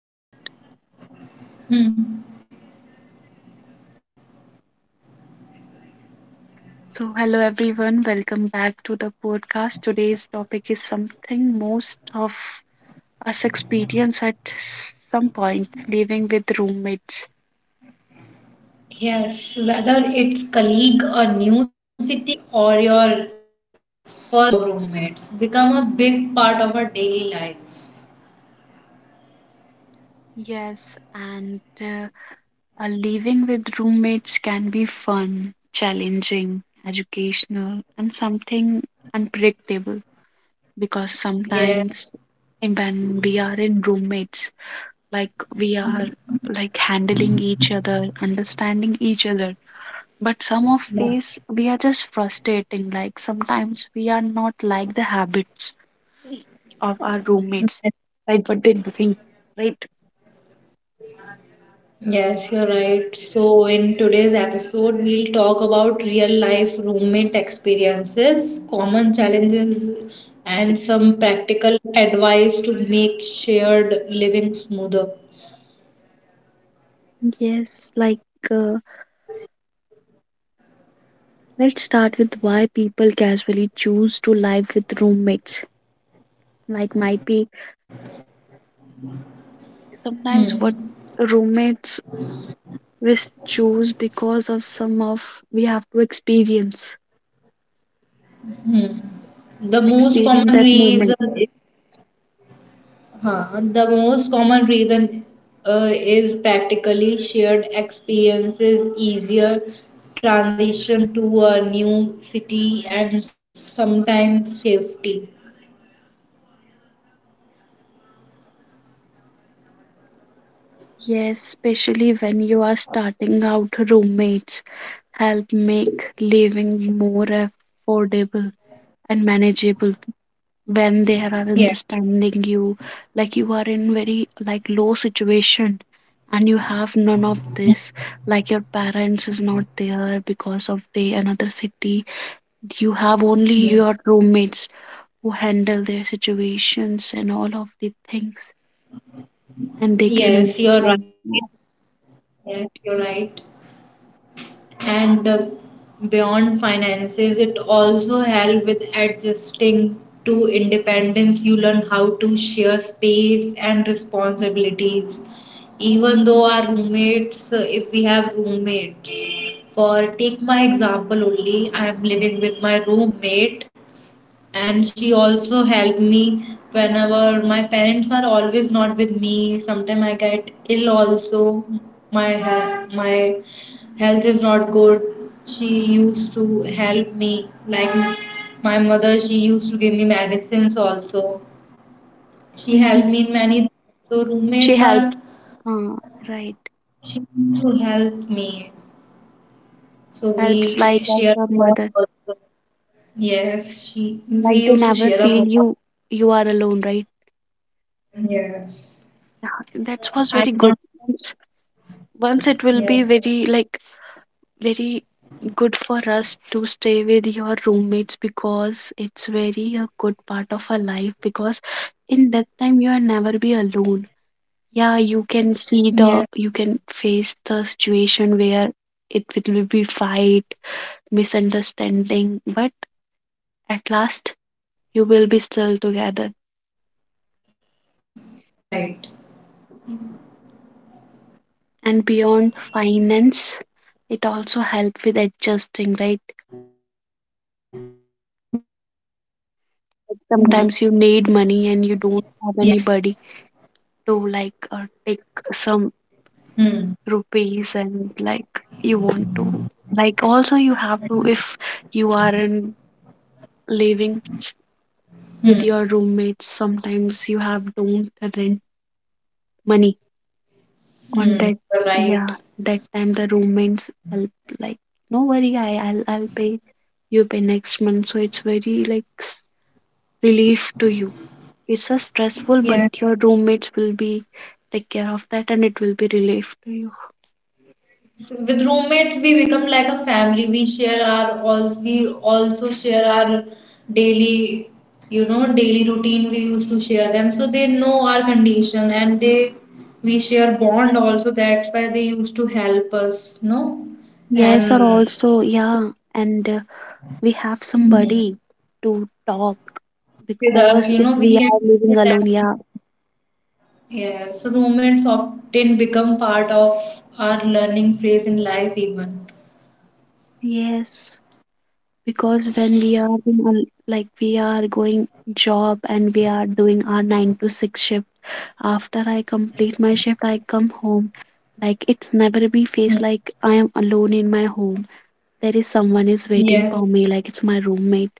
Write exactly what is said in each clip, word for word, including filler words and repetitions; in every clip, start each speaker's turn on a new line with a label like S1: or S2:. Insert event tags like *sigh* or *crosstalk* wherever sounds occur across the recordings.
S1: Start.
S2: Hmm.
S1: So, hello everyone, welcome back to the podcast. Today's topic is something most of us experience at some point, living with roommates.
S2: Yes, whether it's colleague, a new city, or your first job roommates, become a big part of our daily life.
S1: Yes, and uh, uh, living with roommates can be fun, challenging, educational, and something unpredictable because
S2: Yeah,
S1: sometimes when we are in roommates, like we are like handling each other, understanding each other, but some of these we are just frustrating, like sometimes we are not like the habits of our roommates, like what they think, right?
S2: yes, you're right. So in today's episode, we'll talk about real life roommate experiences, common challenges, and some practical advice to make shared living smoother.
S1: Yes, like uh, let's start with why people casually choose to live with roommates. Like might be
S2: Yeah.
S1: sometimes
S2: Hmm.
S1: what roommates we choose because of some of we have to experience
S2: Hmm. The most
S1: experience
S2: common
S1: that
S2: reason
S1: moment.
S2: Huh. The most common reason uh, is practically shared experiences, easier transition to a new city, and sometimes safety.
S1: Yes, especially when you are starting out, roommates help make living more affordable and manageable when they are
S2: Yeah.
S1: understanding you. Like you are in very like low situation and you have none of this. Like your parents is not there because of the another city. You have only your roommates who handle their situations and all of the things, and they can
S2: Yes, you're right.
S1: understand.
S2: Yes, you're right. And uh, beyond finances it also help with adjusting to independence. You learn how to share space and responsibilities even though our roommates uh, if we have roommates. For take my example only, I am living with my roommate and she also helped me. Whenever my parents are always not with me, sometimes I get ill also. My he- my health is not good. She used to help me like my mother. She used to give me medicines also. She
S1: Mhm.
S2: helped me in many, so
S1: She
S2: roommates are,
S1: helps. Uh, right.
S2: she used to help me, so we
S1: Helps like as
S2: share
S1: a
S2: a lot
S1: mother.
S2: also. Yes, she, we
S1: Like they
S2: used to
S1: never
S2: share a
S1: feel
S2: lot.
S1: you you are alone, right? *laughs*
S2: Yes,
S1: Yeah, that was
S2: I
S1: very good.
S2: cannot.
S1: Once, once it will be
S2: Yes.
S1: very like very good for us to stay with your roommates because it's very a good part of our life because in that time you are never be alone. Yeah, you can
S2: Yes.
S1: see the you can face the situation where it will be fight,
S2: Mm.
S1: misunderstanding, but at last you will be still together.
S2: Yes, you're right.
S1: Mm. And beyond finance, it also help with
S2: Mm.
S1: adjusting, right?
S2: Yes, you're right.
S1: Sometimes you need money and you don't have anybody to like uh,
S2: Hmm.
S1: take some rupees and like you want to like also you have to if you are in living
S2: Hmm.
S1: with your roommates sometimes you have don't rent money
S2: Hmm. You're
S1: on that,
S2: right.
S1: yeah, that time the roommates help, like, no worry, i i'll, I'll pay, you pay next month, so it's very like s- relief to you. It's a stressful,
S2: Yes.
S1: but your roommates will be take care of that and it will be relief to you.
S2: With roommates, we become like a family. We share our all. We also share our daily, you know, daily routine. We used to share them, so they know our condition, and they, we share bond also. That's why they used to help us, no,
S1: Yes or
S2: and
S1: also, yeah, and uh, we have
S2: Mm.
S1: somebody to talk
S2: with us,
S1: because
S2: you
S1: if
S2: know, we
S1: we are
S2: can.
S1: living alone, yeah.
S2: Yes, roommates often become part of our learning phase in life, even.
S1: Yes, because when we are in a- like we are going job and we are doing our nine to six shift, after I complete my shift I come home, like it's never be
S2: Hmm.
S1: face like I am alone in my home. There is someone is
S2: Yes.
S1: waiting for me, like it's my roommate,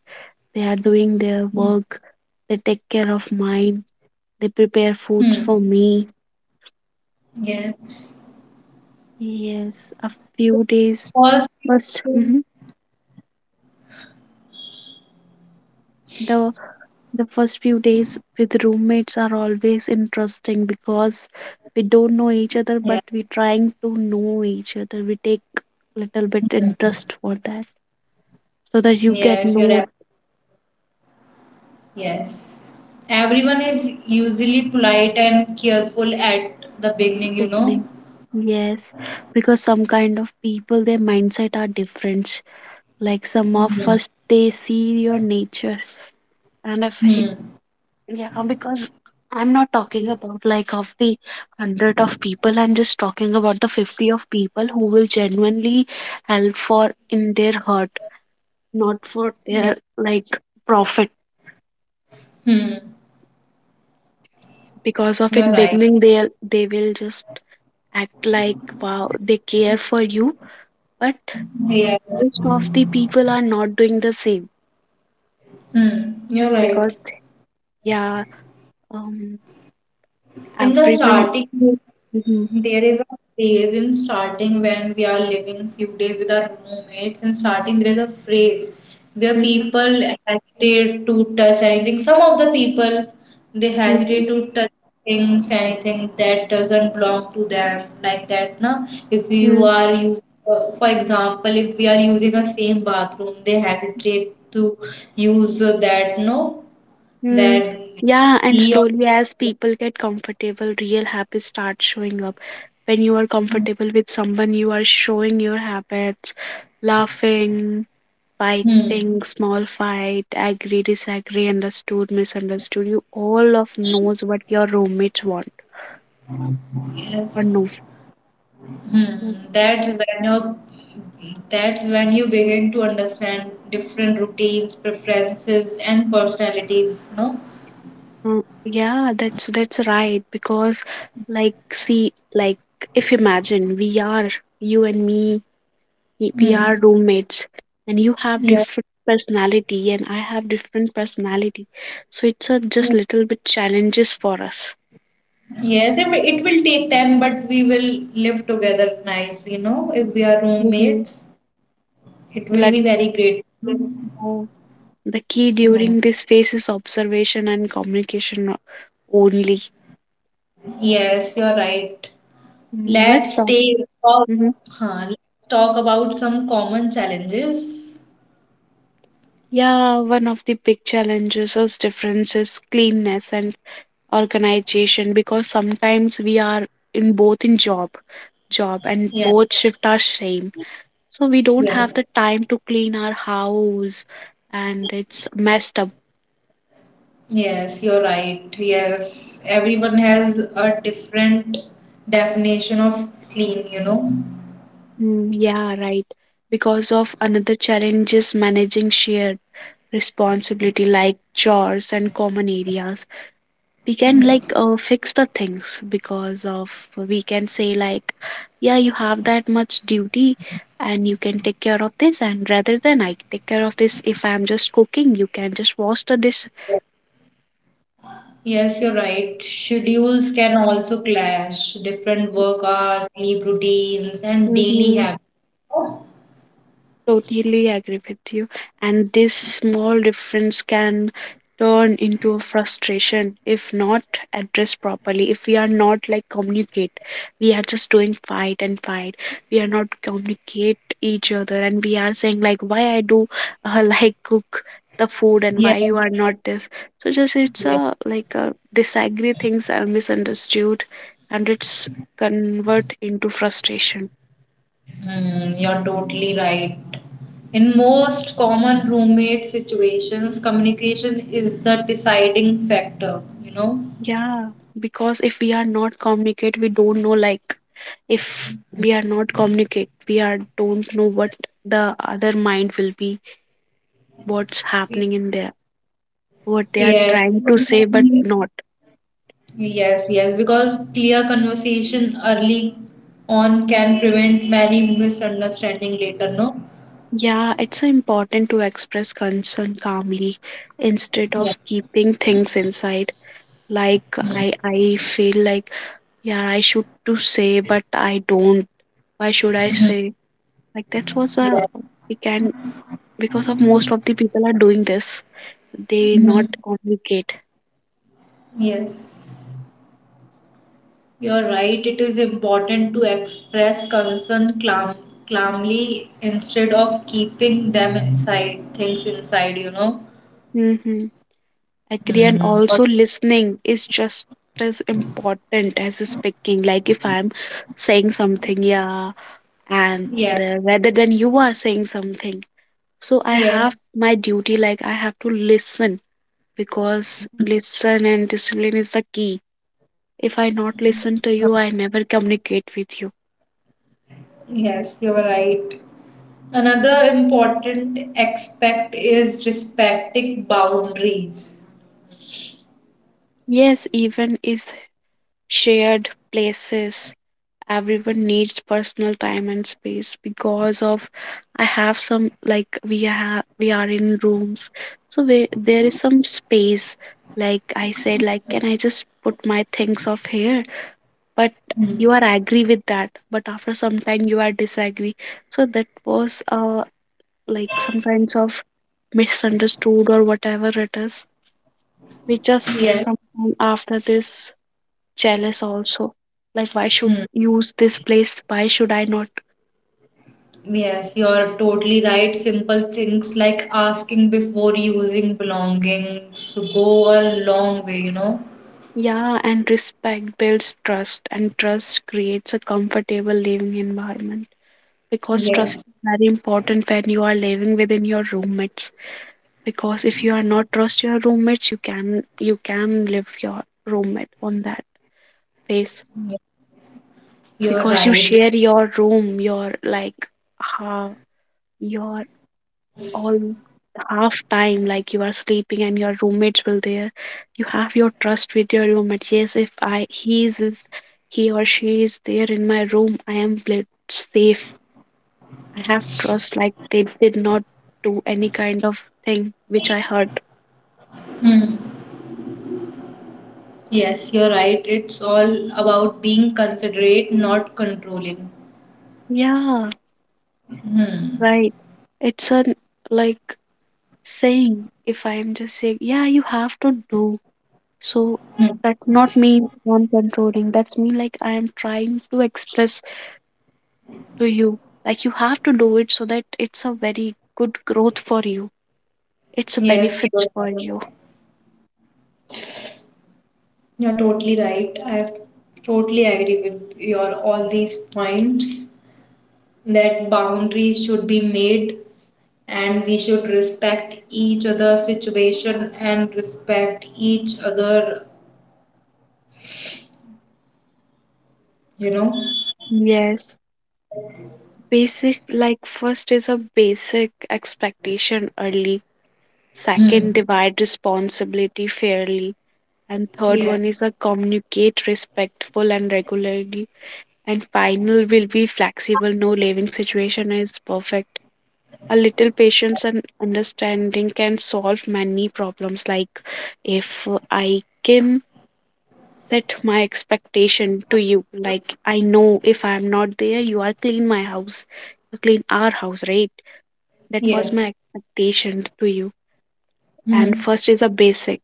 S1: they are doing their
S2: Hmm.
S1: work, they take care of mine, they prepare
S2: Hmm.
S1: foods for me.
S2: Yes.
S1: Yes, a few days
S2: First,
S1: first. Hmm. The The first few days with roommates are always interesting because we don't know each other,
S2: yeah.
S1: but we're trying to know each other. We take little bit interest for that so that you get,
S2: Yes, you're
S1: no,
S2: right. Yes. Everyone is usually polite and careful at the beginning, you know.
S1: beginning. Yes, because some kind of people, their mindset are different. Like some of
S2: Hmm.
S1: us, they see your nature, and if
S2: Hmm.
S1: he- yeah, because I'm not talking about like of the hundred of people. I'm just talking about the fifty of people who will genuinely help for in their hurt, not for
S2: Yeah.
S1: their like profit.
S2: Hmm.
S1: Because of
S2: You're
S1: in
S2: right.
S1: beginning they they will just act like wow they care for you, but
S2: Yes.
S1: most of the people are not doing the same
S2: Hmm. You're right.
S1: because, yeah, um
S2: In the
S1: everyone.
S2: starting,
S1: Hmm.
S2: there is a phrase in starting when we are living few days with our roommates. In starting, there is a phrase where
S1: Hmm.
S2: people hesitate to touch anything. Some of the people, they hesitate to touch things, anything that doesn't belong to them, like that. Na, if you
S1: Hmm.
S2: are using, for example, if we are using a same bathroom, they hesitate to use that. No,
S1: Mm,
S2: that,
S1: yeah, and
S2: he or
S1: slowly as people get comfortable, real habits start showing up. When you are comfortable with someone, you are showing your habits, laughing,
S2: hmm.
S1: fighting, small fight, agree, disagree, understood, misunderstood. You all of knows what your roommates want or no.
S2: Yes. Hmm.
S1: Yes.
S2: That's when you that's when you begin to understand different routines, preferences, and personalities. No.
S1: Mm, yeah, that's that's right. Because like see, like if imagine we are you and me, y- we
S2: Hmm.
S1: are roommates and you have
S2: Yeah.
S1: different personality and I have different personality, so it's a just little bit challenges for us.
S2: Yes, it will it will take time, but we will live together nicely. You know, if we are
S1: Mm-hmm.
S2: roommates, it will be
S1: Let,
S2: very great.
S1: uh, the key
S2: Hmm.
S1: during this phase is observation and communication o- only.
S2: Yes, you're right.
S1: Mm, let's
S2: Let's
S1: talk.
S2: take talk,
S1: Hmm.
S2: huh, let's talk about some common challenges.
S1: Yeah, one of the big challenges is differences cleanness and organization because sometimes we are in both in job, job and
S2: Yeah.
S1: both shift are same, so we don't
S2: Yes.
S1: have the time to clean our house and it's messed up.
S2: Yes, you're right. Yes, everyone has a different definition of clean, you know.
S1: Mm, yeah, right, because of another challenge is managing shared responsibility like chores and common areas. We can like uh, fix the things because of we can say like, yeah you have that much duty and you can take care of this, and rather than I take care of this if I'm just cooking you can just wash the dish.
S2: Yes, you're right. Schedules can also clash. Different work hours, sleep routines, and daily
S1: Mhm.
S2: habits.
S1: Totally agree with you. And this small difference can turn into a frustration if not addressed properly. If we are not like communicate, we are just doing fight and fight. We are not communicate each other, and we are saying like, why I do uh, *laughs* like cook the food and why you
S2: Yes,
S1: are not this. So just it's
S2: yes.
S1: a like a disagree, things are misunderstood, and it's convert into frustration.
S2: Mm, you're totally right. In most common roommate situations, communication is the deciding factor, you know.
S1: Yeah, because if we are not communicate, we don't know like, if we are not communicate, we are don't know what the other mind will be, what's happening in there, what they are
S2: Yes.
S1: trying to say but not.
S2: Yes, yes, because clear conversation early on can prevent many misunderstanding later, no?
S1: Yeah, it's important to express concern calmly instead
S2: Yeah.
S1: of keeping things inside. Like I I feel like, yeah, I should to say but I don't. Why should I
S2: Mm-hmm.
S1: say? Like that was a
S2: Yeah.
S1: we can because of most of the people are doing this, they
S2: Mhm.
S1: not communicate.
S2: Yes, you're right. It is important to express concern calm, calmly instead of keeping them inside, things inside, you know?
S1: Mm-hmm. Agree, and
S2: Mm-hmm.
S1: also listening is just as important as speaking. Like if I'm saying something, yeah, and
S2: Yes,
S1: the, rather than you are saying something, so I
S2: yes.
S1: have my duty. Like I have to listen because listen and discipline is the key. If I not listen to you, I never communicate with you.
S2: Yes, you were right. Another important aspect is respecting boundaries.
S1: Yes, even is shared places everyone needs personal time and space because of I have some like we have we are in rooms, so where there is some space, like I said like can I just put my things off here, but
S2: Hmm.
S1: you are agree with that but after some time you are disagree, so that was uh like some kinds of misunderstood or whatever it is, we just
S2: Yes.
S1: sometime after this jealous also, like why should
S2: Hmm.
S1: use this place, why should I not.
S2: Yes, you're totally right. Simple things like asking before using belongings go a long way, you know.
S1: Yeah, and respect builds trust, and trust creates a comfortable living environment. Because trust
S2: Yes.
S1: is very important when you are living within your roommates. Because if you are not trust your roommates, you can you can live your roommate on that face.
S2: You're
S1: Because you
S2: right.
S1: share your room, your like uh, your all half time like you are sleeping and your roommates will there, you have your trust with your roommate, yes, if I he is is- he or she is there in my room I am pla- safe, I have trust like they did not do any kind of thing which I hurt.
S2: Hmm. Yes, you're right. It's all about being considerate, not controlling.
S1: Yeah,
S2: Hmm.
S1: right, it's a like saying if I am just saying yeah you have to do so.
S2: Hmm.
S1: That not mean I'm controlling, that's mean like I am trying to express to you. Like you have to do it so that it's a very good growth for you. It's a
S2: Yes, you're
S1: benefits for
S2: right.
S1: you.
S2: You're totally right. I totally agree with your all these points that boundaries should be made and we should respect each other's situation and respect each other, you know.
S1: Yes, basic, like first is a basic expectation early, second
S2: Hmm.
S1: divide responsibility fairly, and third
S2: Yeah.
S1: one is a communicate respectful and regularly, and final will be flexible. No living situation is perfect. A little patience and understanding can solve many problems. Like if I can set my expectation to you, like I know if I'm not there you are clean my house, you clean our house, right, that was my
S2: Yes.
S1: expectation to you. And
S2: Hmm.
S1: first is a basic,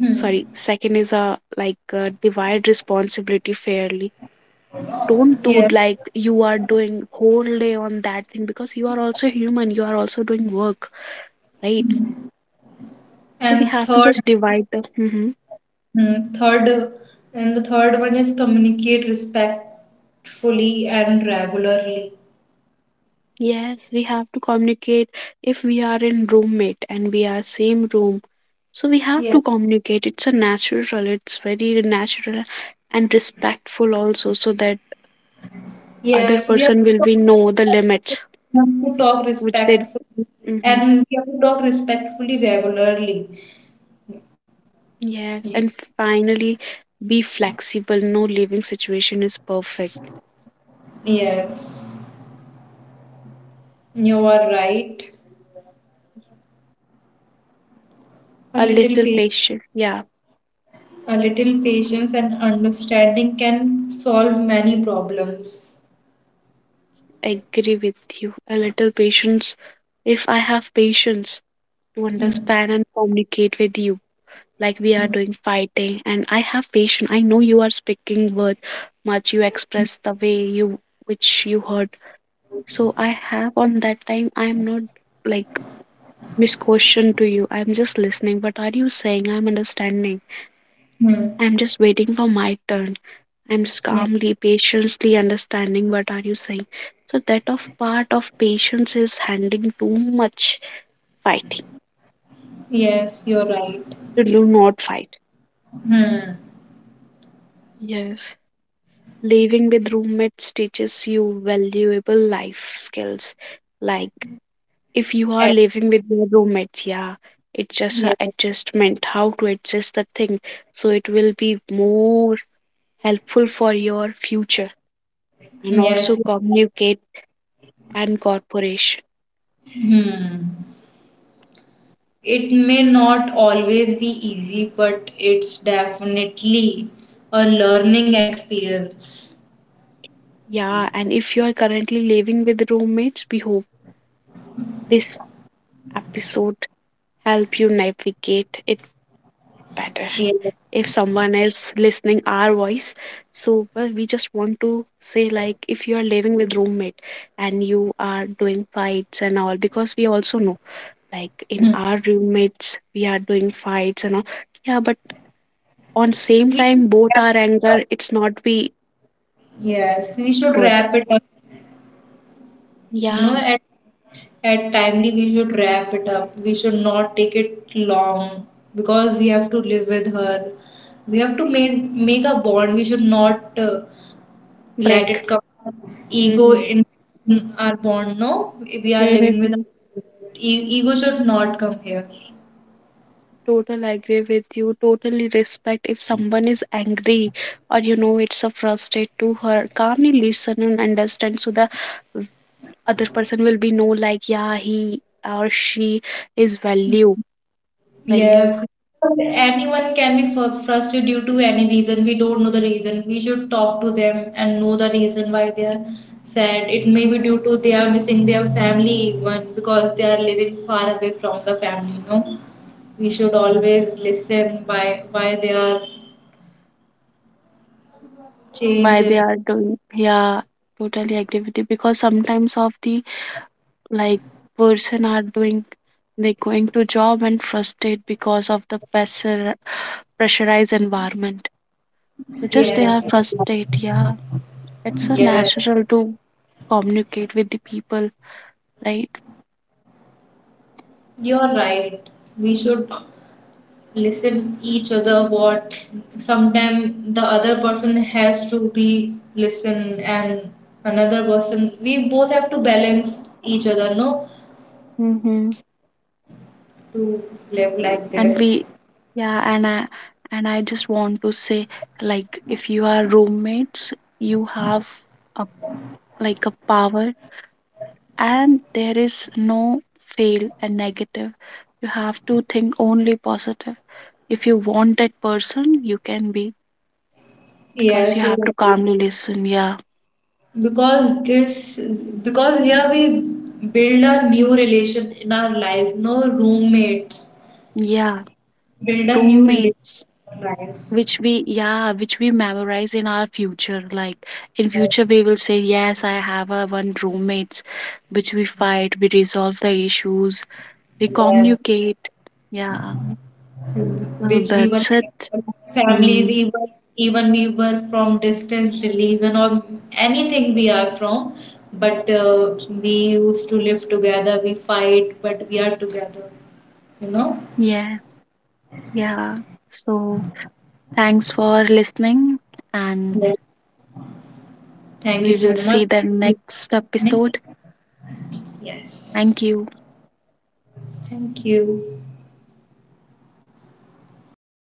S2: Hmm.
S1: sorry, second is a like uh divide responsibility fairly, don't do
S2: Yeah.
S1: like you are doing whole day on that thing because you are also human, you are also doing work, right? So we
S2: And
S1: have to
S2: third,
S1: just divide the. Mhm.
S2: hmm, third, and the third one is communicate respectfully and regularly.
S1: Yes, we have to communicate if we are in roommate and we are same room. So we have
S2: Yeah.
S1: to communicate. It's a natural, it's very natural and respectful also, so that other
S2: Yes, we
S1: person will be know the limits
S2: have to talk
S1: which they.
S2: respectfully
S1: Hmm.
S2: and we have to talk respectfully regularly.
S1: Yes,
S2: Y-
S1: and finally be flexible. No living situation is perfect.
S2: Yes, you are right. A
S1: A
S2: little
S1: little
S2: patience,
S1: patient. Yeah,
S2: a little patience and understanding can solve many problems.
S1: I agree with you. A little patience. If I have patience to
S2: Hmm.
S1: understand and communicate with you, like we are
S2: Hmm.
S1: doing fighting and I have patience, I know you are speaking with much, you express the way you, which you heard, so I have on that time I'm not like misquotation to you, I'm just listening what are you saying, I'm understanding,
S2: Hmm.
S1: I'm just waiting for my turn, I'm just
S2: Yeah.
S1: calmly patiently understanding what are you saying. So that of part of patience is handling too much fighting,
S2: Yes, you're right.
S1: to do not fight.
S2: Hmm.
S1: Yes. Living with roommates teaches you valuable life skills. Like if you are
S2: At-
S1: living with your roommates, yeah, it's just a
S2: yes.
S1: adjustment, how to adjust the thing. So it will be more helpful for your future and
S2: Yes.
S1: also communicate and corporation.
S2: Hmm. It may not always be easy, but it's definitely a learning experience.
S1: Yeah, and if you are currently living with roommates, we hope this episode help you navigate it better. If someone else
S2: Yes.
S1: listening our voice, so well, we just want to say like if you are living with roommate and you are doing fights and all, because we also know like in
S2: Hmm.
S1: our roommates we are doing fights and all, yeah, but on same
S2: We should
S1: time both our
S2: wrap,
S1: anger it's not be
S2: yes, we should
S1: good.
S2: wrap it up. You
S1: Yeah,
S2: know, at, at timely, we should wrap it up. We should not take it long because we have to live with her. We have to make, make a bond. We should not uh, let
S1: break.
S2: it come from ego
S1: Mm-hmm.
S2: in in our bond, no, we are living with
S1: Mm-hmm.
S2: e- ego should not come here.
S1: Total agree with you. Totally respect if someone is angry or you know it's a frustrate to her. Calmly listen and understand so the v- other person will be know like yeah he or she is value value
S2: Yes, anyone can be fr- frustrated due to any reason. We don't know the reason. We should talk to them and know the reason why they are sad. It may be due to they are missing their family even because they are living far away from the family, you know. We should always listen why why they are
S1: by they
S2: changing.
S1: are doing. Yeah, totally agree with you because sometimes of the like person are doing, they going to job and frustrate because of the pressure pressurized environment. So just they
S2: Yes,
S1: are frustrated. Yeah. It's so
S2: yes,
S1: natural to communicate with the people, right?
S2: you're right. We should listen each other what sometime the other person has to be listen and another person, we both have to balance each other, no,
S1: Mm-hmm.
S2: to live like
S1: And
S2: this.
S1: we, yeah, and i and i just want to say, like if you are roommates you have a, like a power, and there is no fail and negative, you have to think only positive, if you want that person you can be, because you
S2: Yes, you're
S1: have to
S2: right.
S1: calmly listen, yeah.
S2: Because this, because here we build a new relation in our life, no, roommates
S1: Yeah,
S2: build a new relation
S1: roommates
S2: in our lives.
S1: which we, yeah, which we memorize in our future, like in
S2: Like,
S1: future we will say yes I have a one roommates which we fight, we resolve the issues, we
S2: yes,
S1: communicate, yeah, so
S2: which we were
S1: that's it.
S2: like families
S1: Mm,
S2: even, even we were from distance religion or anything we are from, but uh, we used to live together. We fight but we are together, you know.
S1: yes, yeah, so thanks for listening, and
S2: Yeah. Thank you
S1: we
S2: so
S1: will
S2: much.
S1: see the next episode.
S2: Yes,
S1: Thank you.
S2: thank you.